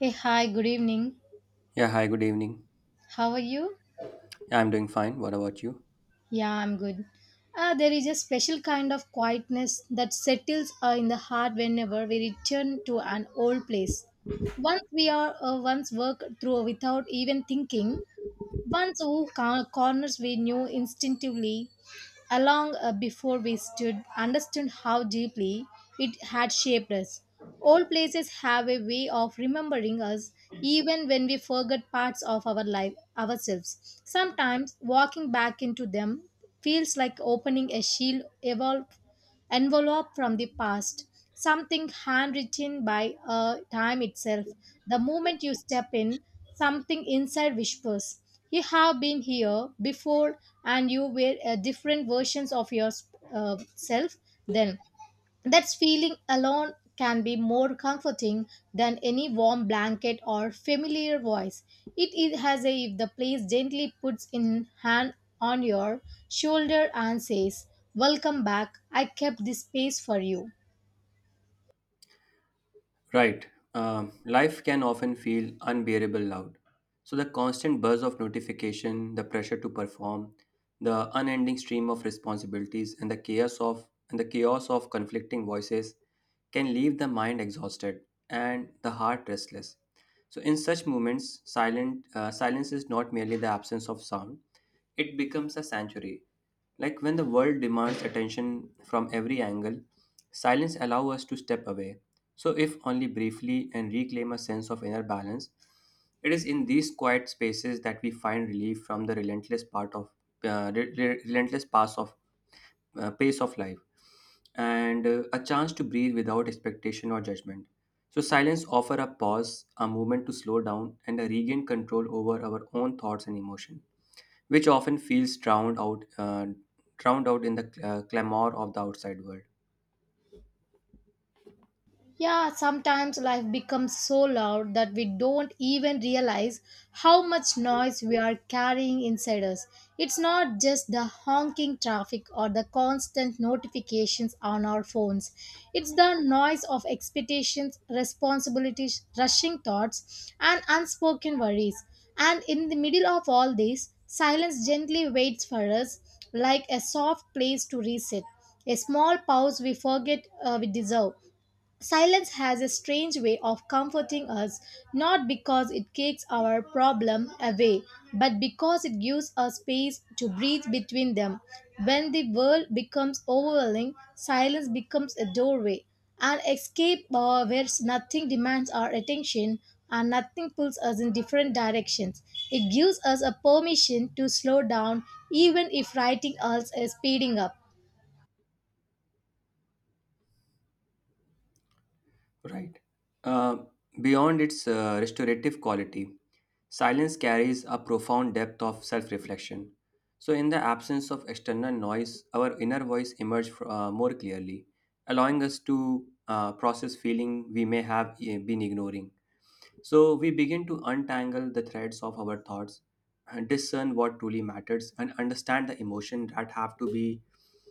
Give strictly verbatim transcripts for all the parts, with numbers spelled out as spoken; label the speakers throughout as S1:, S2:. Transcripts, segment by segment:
S1: Hey, hi, good evening.
S2: Yeah, hi, good evening.
S1: How are you?
S2: I'm doing fine. What about you?
S1: Yeah, I'm good. Uh, there is a special kind of quietness that settles uh, in the heart whenever we return to an old place. Once we are uh, once worked through without even thinking, once oh, cor- corners we knew instinctively, along uh, before we stood understood how deeply it had shaped us. Old places have a way of remembering us even when we forget parts of our life ourselves. Sometimes walking back into them feels like opening a shield evolved envelope from the past, something handwritten by uh, time itself. The moment you step in, something inside whispers, you have been here before, and you were uh, different versions of yourself then. That feeling alone can be more comforting than any warm blanket or familiar voice. It is as if the place gently puts in hand on your shoulder and says, "Welcome back. I kept this space for you."
S2: Right. Um, life can often feel unbearable loud. So the constant buzz of notification, the pressure to perform, the unending stream of responsibilities, and the chaos of and the chaos of conflicting voices can leave the mind exhausted and the heart restless. So in such moments, silent uh, silence is not merely the absence of sound; it becomes a sanctuary. Like when the world demands attention from every angle, silence allows us to step away so, if only briefly, and reclaim a sense of inner balance. It is in these quiet spaces that we find relief from the relentless part of uh, re- re- relentless pace of uh, pace of life, and uh, a chance to breathe without expectation or judgment. So, silence offer a pause, a moment to slow down, and a regain control over our own thoughts and emotion, which often feels drowned out, uh, drowned out in the uh, clamor of the outside world.
S1: Yeah, sometimes life becomes so loud that we don't even realize how much noise we are carrying inside us. It's not just the honking traffic or the constant notifications on our phones, it's the noise of expectations, responsibilities, rushing thoughts, and unspoken worries. And in the middle of all this, silence gently waits for us like a soft place to reset, a small pause we forget uh, we deserve. Silence has a strange way of comforting us, not because it kicks our problem away, but because it gives us space to breathe between them. When the world becomes overwhelming, silence becomes a doorway, an escape uh, where nothing demands our attention and nothing pulls us in different directions. It gives us a permission to slow down even if writing else is speeding up.
S2: Right. Uh, Beyond its uh, restorative quality, silence carries a profound depth of self reflection. So, in the absence of external noise, our inner voice emerges uh, more clearly, allowing us to uh, process feeling we may have uh, been ignoring. So we begin to untangle the threads of our thoughts, and discern what truly matters, and understand the emotion that have to be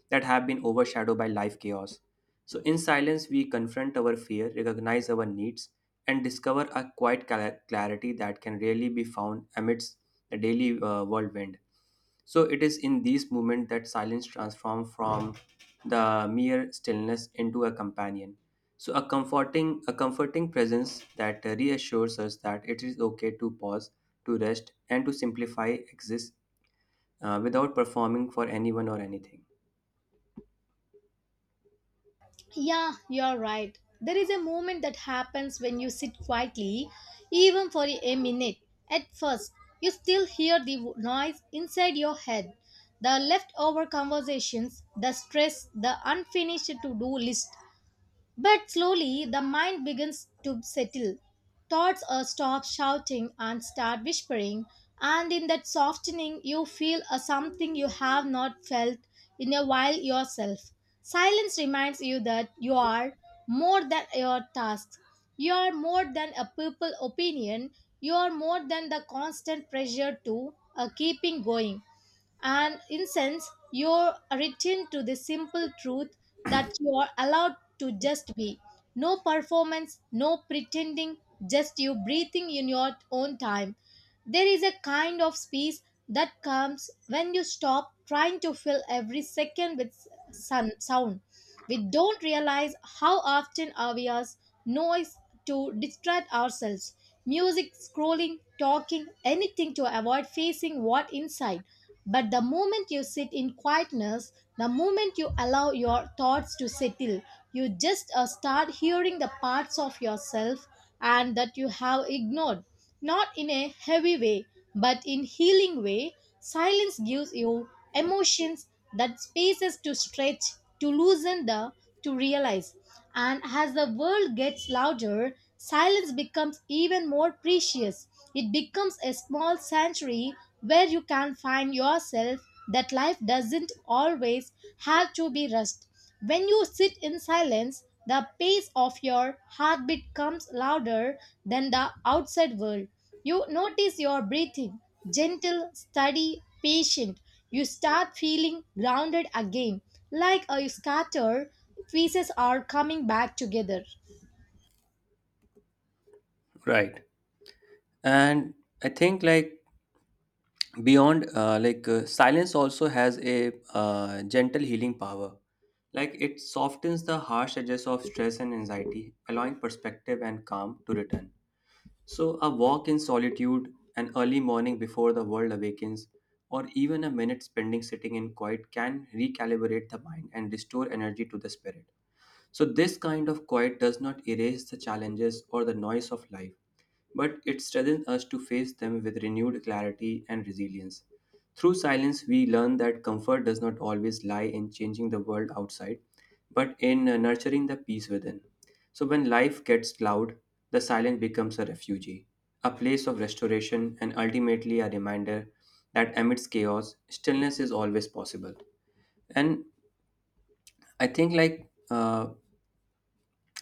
S2: that have been overshadowed by life chaos. So in silence, we confront our fear, recognize our needs, and discover a quiet cla- clarity that can rarely be found amidst the daily uh, whirlwind. So it is in these moments that silence transforms from the mere stillness into a companion. So a comforting a comforting presence that reassures us that it is okay to pause, to rest, and to simplify exist uh, without performing for anyone or anything.
S1: Yeah, you're right. There is a moment that happens when you sit quietly, even for a minute. At first, you still hear the w- noise inside your head, the leftover conversations, the stress, the unfinished to do list. But slowly the mind begins to settle. Thoughts uh, stop shouting and start whispering, and in that softening, you feel a something you have not felt in a while yourself. Silence reminds you that you are more than your tasks, you are more than a people opinion, you are more than the constant pressure to uh, keeping going, and in sense you're written to the simple truth that you are allowed to just be, no performance, no pretending, just you breathing in your own time. There is a kind of peace that comes when you stop trying to fill every second with sun, sound. We don't realize how often we use noise to distract ourselves. Music, scrolling, talking, anything to avoid facing what inside. But the moment you sit in quietness, the moment you allow your thoughts to settle, you just uh, start hearing the parts of yourself and that you have ignored. Not in a heavy way, but in healing way. Silence gives you emotions that space is to stretch, to loosen the, to realize. And as the world gets louder, silence becomes even more precious. It becomes a small sanctuary where you can find yourself, that life doesn't always have to be rushed. When you sit in silence, the pace of your heartbeat comes louder than the outside world. You notice your breathing, gentle, steady, patient. You start feeling grounded again, like a scatter pieces are coming back together.
S2: Right. And I think like beyond uh, like uh, silence also has a uh, gentle healing power. Like it softens the harsh edges of stress and anxiety, allowing perspective and calm to return. So, a walk in solitude, an early morning before the world awakens, or even a minute spending sitting in quiet can recalibrate the mind and restore energy to the spirit. So, this kind of quiet does not erase the challenges or the noise of life, but it strengthens us to face them with renewed clarity and resilience. Through silence, we learn that comfort does not always lie in changing the world outside, but in uh, nurturing the peace within. So, when life gets loud, the silence becomes a refuge, a place of restoration, and ultimately a reminder that amidst chaos, stillness is always possible. And I think, like, uh,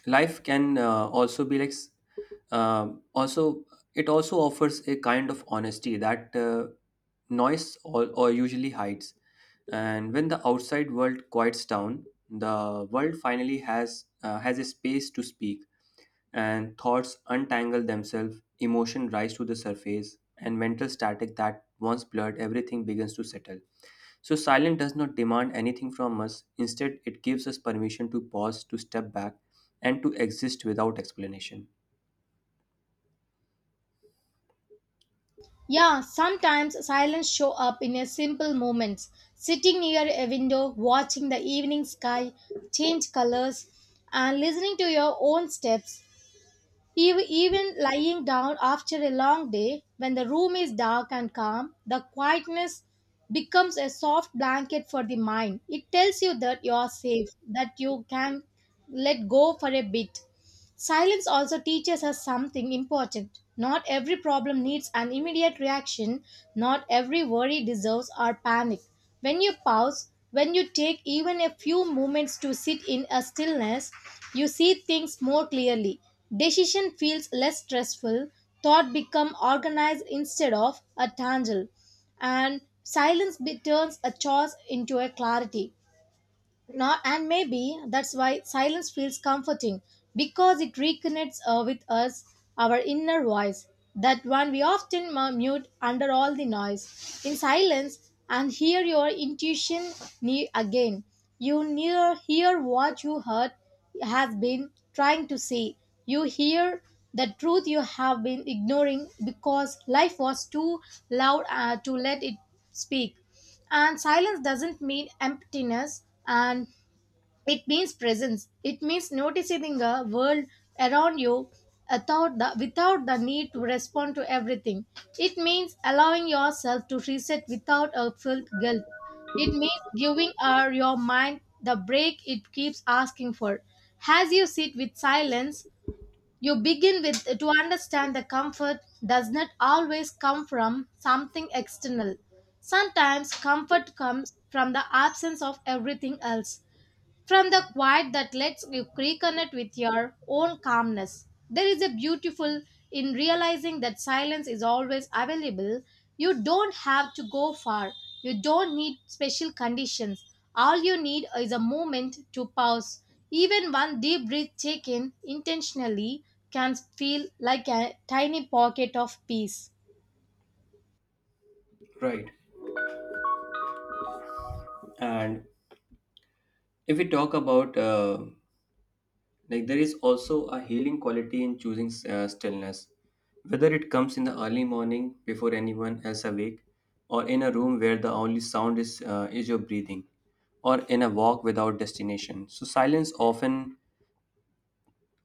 S2: life can uh, also be like s- um also it also offers a kind of honesty that uh, noise or, or usually hides. And when the outside world quiets down, the world finally has uh, has a space to speak, and thoughts untangle themselves, emotion rise to the surface, and mental static that once blurred everything begins to settle. So, silence does not demand anything from us. Instead, it gives us permission to pause, to step back, and to exist without explanation.
S1: Yeah, sometimes silence show up in a simple moments. Sitting near a window, watching the evening sky change colors, and listening to your own steps. Ev- Even lying down after a long day, when the room is dark and calm, the quietness becomes a soft blanket for the mind. It tells you that you are safe, that you can let go for a bit. Silence also teaches us something important. Not every problem needs an immediate reaction, not every worry deserves our panic. When you pause, when you take even a few moments to sit in a stillness, you see things more clearly. Decision feels less stressful, thought become organized instead of a tangle, and silence be- turns a chores into a clarity. Not, and maybe that's why silence feels comforting, because it reconnects uh, with us, our inner voice, that one we often mu- mute under all the noise. In silence, and hear your intuition ne- again. You near hear what you heard has been trying to say. You hear the truth you have been ignoring because life was too loud uh, to let it speak. And silence doesn't mean emptiness, and it means presence. It means noticing the world around you without the, without the need to respond to everything. It means allowing yourself to reset without a felt guilt. It means giving our, your mind the break it keeps asking for. As you sit with silence, you begin with to understand the comfort does not always come from something external. Sometimes comfort comes from the absence of everything else. From the quiet that lets you reconnect with your own calmness, there is a beautiful in realizing that silence is always available. You don't have to go far, you don't need special conditions. All you need is a moment to pause. Even one deep breath taken intentionally can feel like a tiny pocket of peace.
S2: Right. And if we talk about, uh, like, there is also a healing quality in choosing uh, stillness, whether it comes in the early morning before anyone else awake, or in a room where the only sound is uh, is your breathing, or in a walk without destination. So, silence often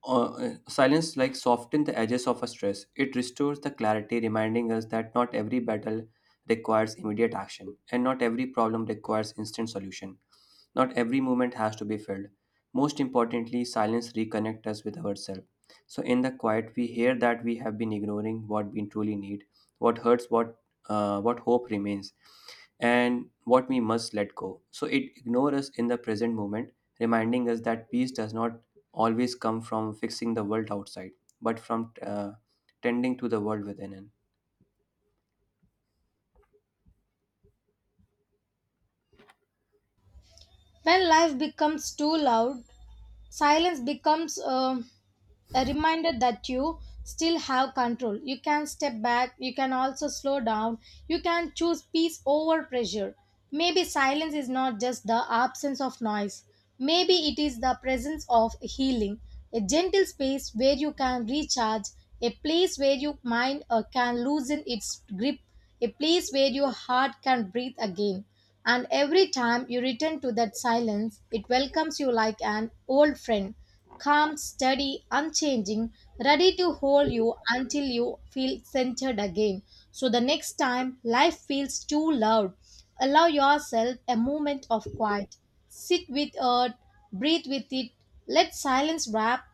S2: Uh, uh, silence like softens the edges of a stress. It restores the clarity, reminding us that not every battle requires immediate action, and not every problem requires instant solution. Not every moment has to be filled. Most importantly, silence reconnects us with ourselves. So in the quiet, we hear that we have been ignoring what we truly need, what hurts, what uh, what hope remains and what we must let go. So it ignores us in the present moment, reminding us that peace does not always come from fixing the world outside, but from uh, tending to the world within. It.
S1: When life becomes too loud, silence becomes. um a reminder that you still have control. You can step back, you can also slow down, you can choose peace over pressure. Maybe silence is not just the absence of noise, maybe it is the presence of healing, a gentle space where you can recharge, a place where your mind uh, can loosen its grip, a place where your heart can breathe again. And every time you return to that silence, it welcomes you like an old friend, calm, steady, unchanging, ready to hold you until you feel centered again. So the next time life feels too loud, allow yourself a moment of quiet. Sit with earth, breathe with it, let silence wrap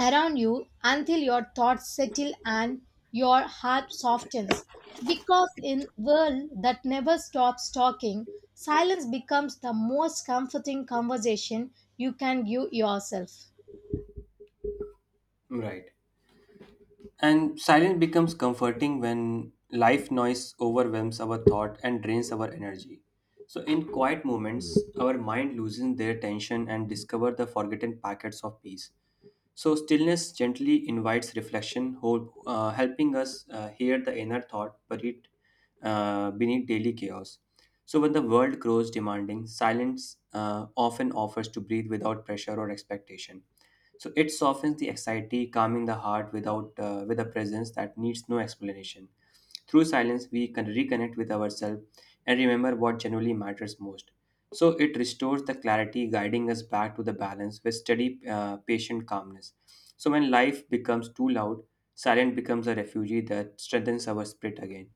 S1: around you until your thoughts settle and your heart softens. Because in world that never stops talking, silence becomes the most comforting conversation you can give yourself.
S2: Right. And silence becomes comforting when life noise overwhelms our thought and drains our energy. So in quiet moments, our mind loosens their tension and discover the forgotten packets of peace. So, stillness gently invites reflection, hol- uh, helping us uh, hear the inner thought buried uh, beneath daily chaos. So, when the world grows demanding, silence uh, often offers to breathe without pressure or expectation. So it softens the anxiety, calming the heart without uh, with a presence that needs no explanation. Through silence, we can reconnect with ourselves and remember what genuinely matters most. So it restores the clarity, guiding us back to the balance with steady, uh, patient calmness. So when life becomes too loud, silence becomes a refugee that strengthens our spirit again.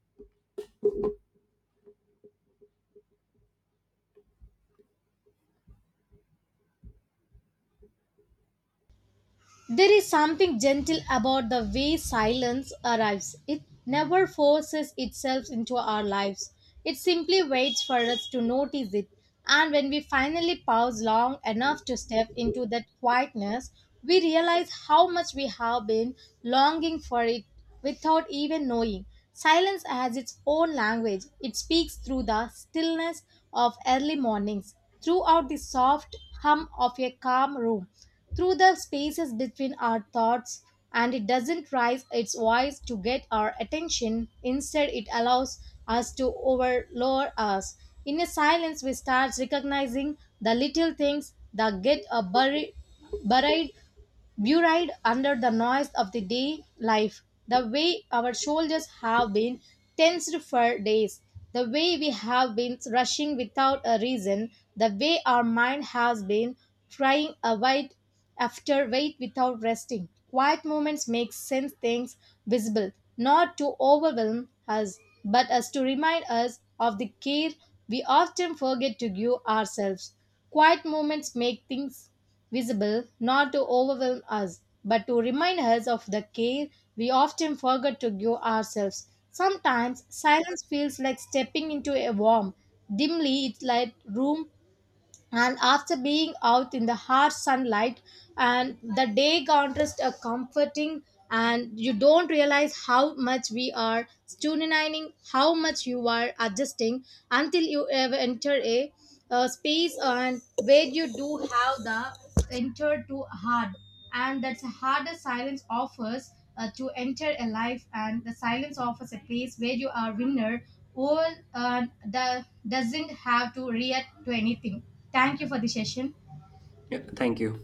S1: There is something gentle about the way silence arrives. It never forces itself into our lives. It simply waits for us to notice it. And when we finally pause long enough to step into that quietness, we realize how much we have been longing for it without even knowing. Silence has its own language. It speaks through the stillness of early mornings, throughout the soft hum of a calm room, through the spaces between our thoughts, and it doesn't raise its voice to get our attention. Instead, it allows us to overload us. In a silence, we start recognizing the little things that get uh, buried, buried buried under the noise of the day life, the way our shoulders have been tensed for days, the way we have been rushing without a reason, the way our mind has been trying a weight after weight without resting. Quiet moments make sense things visible, not to overwhelm us, but as to remind us of the care we often forget to give ourselves. Quiet moments make things visible, not to overwhelm us, but to remind us of the care we often forget to give ourselves. Sometimes silence feels like stepping into a warm, dimly lit room and after being out in the harsh sunlight and the day contrast are comforting, and you don't realize how much we are tuning, how much you are adjusting until you ever enter a, uh space and where you do have the enter to hard, and that's the hardest silence offers uh, to enter a life, and the silence offers a place where you are winner or uh, the doesn't have to react to anything. Thank you for the session.
S2: Yeah, thank you.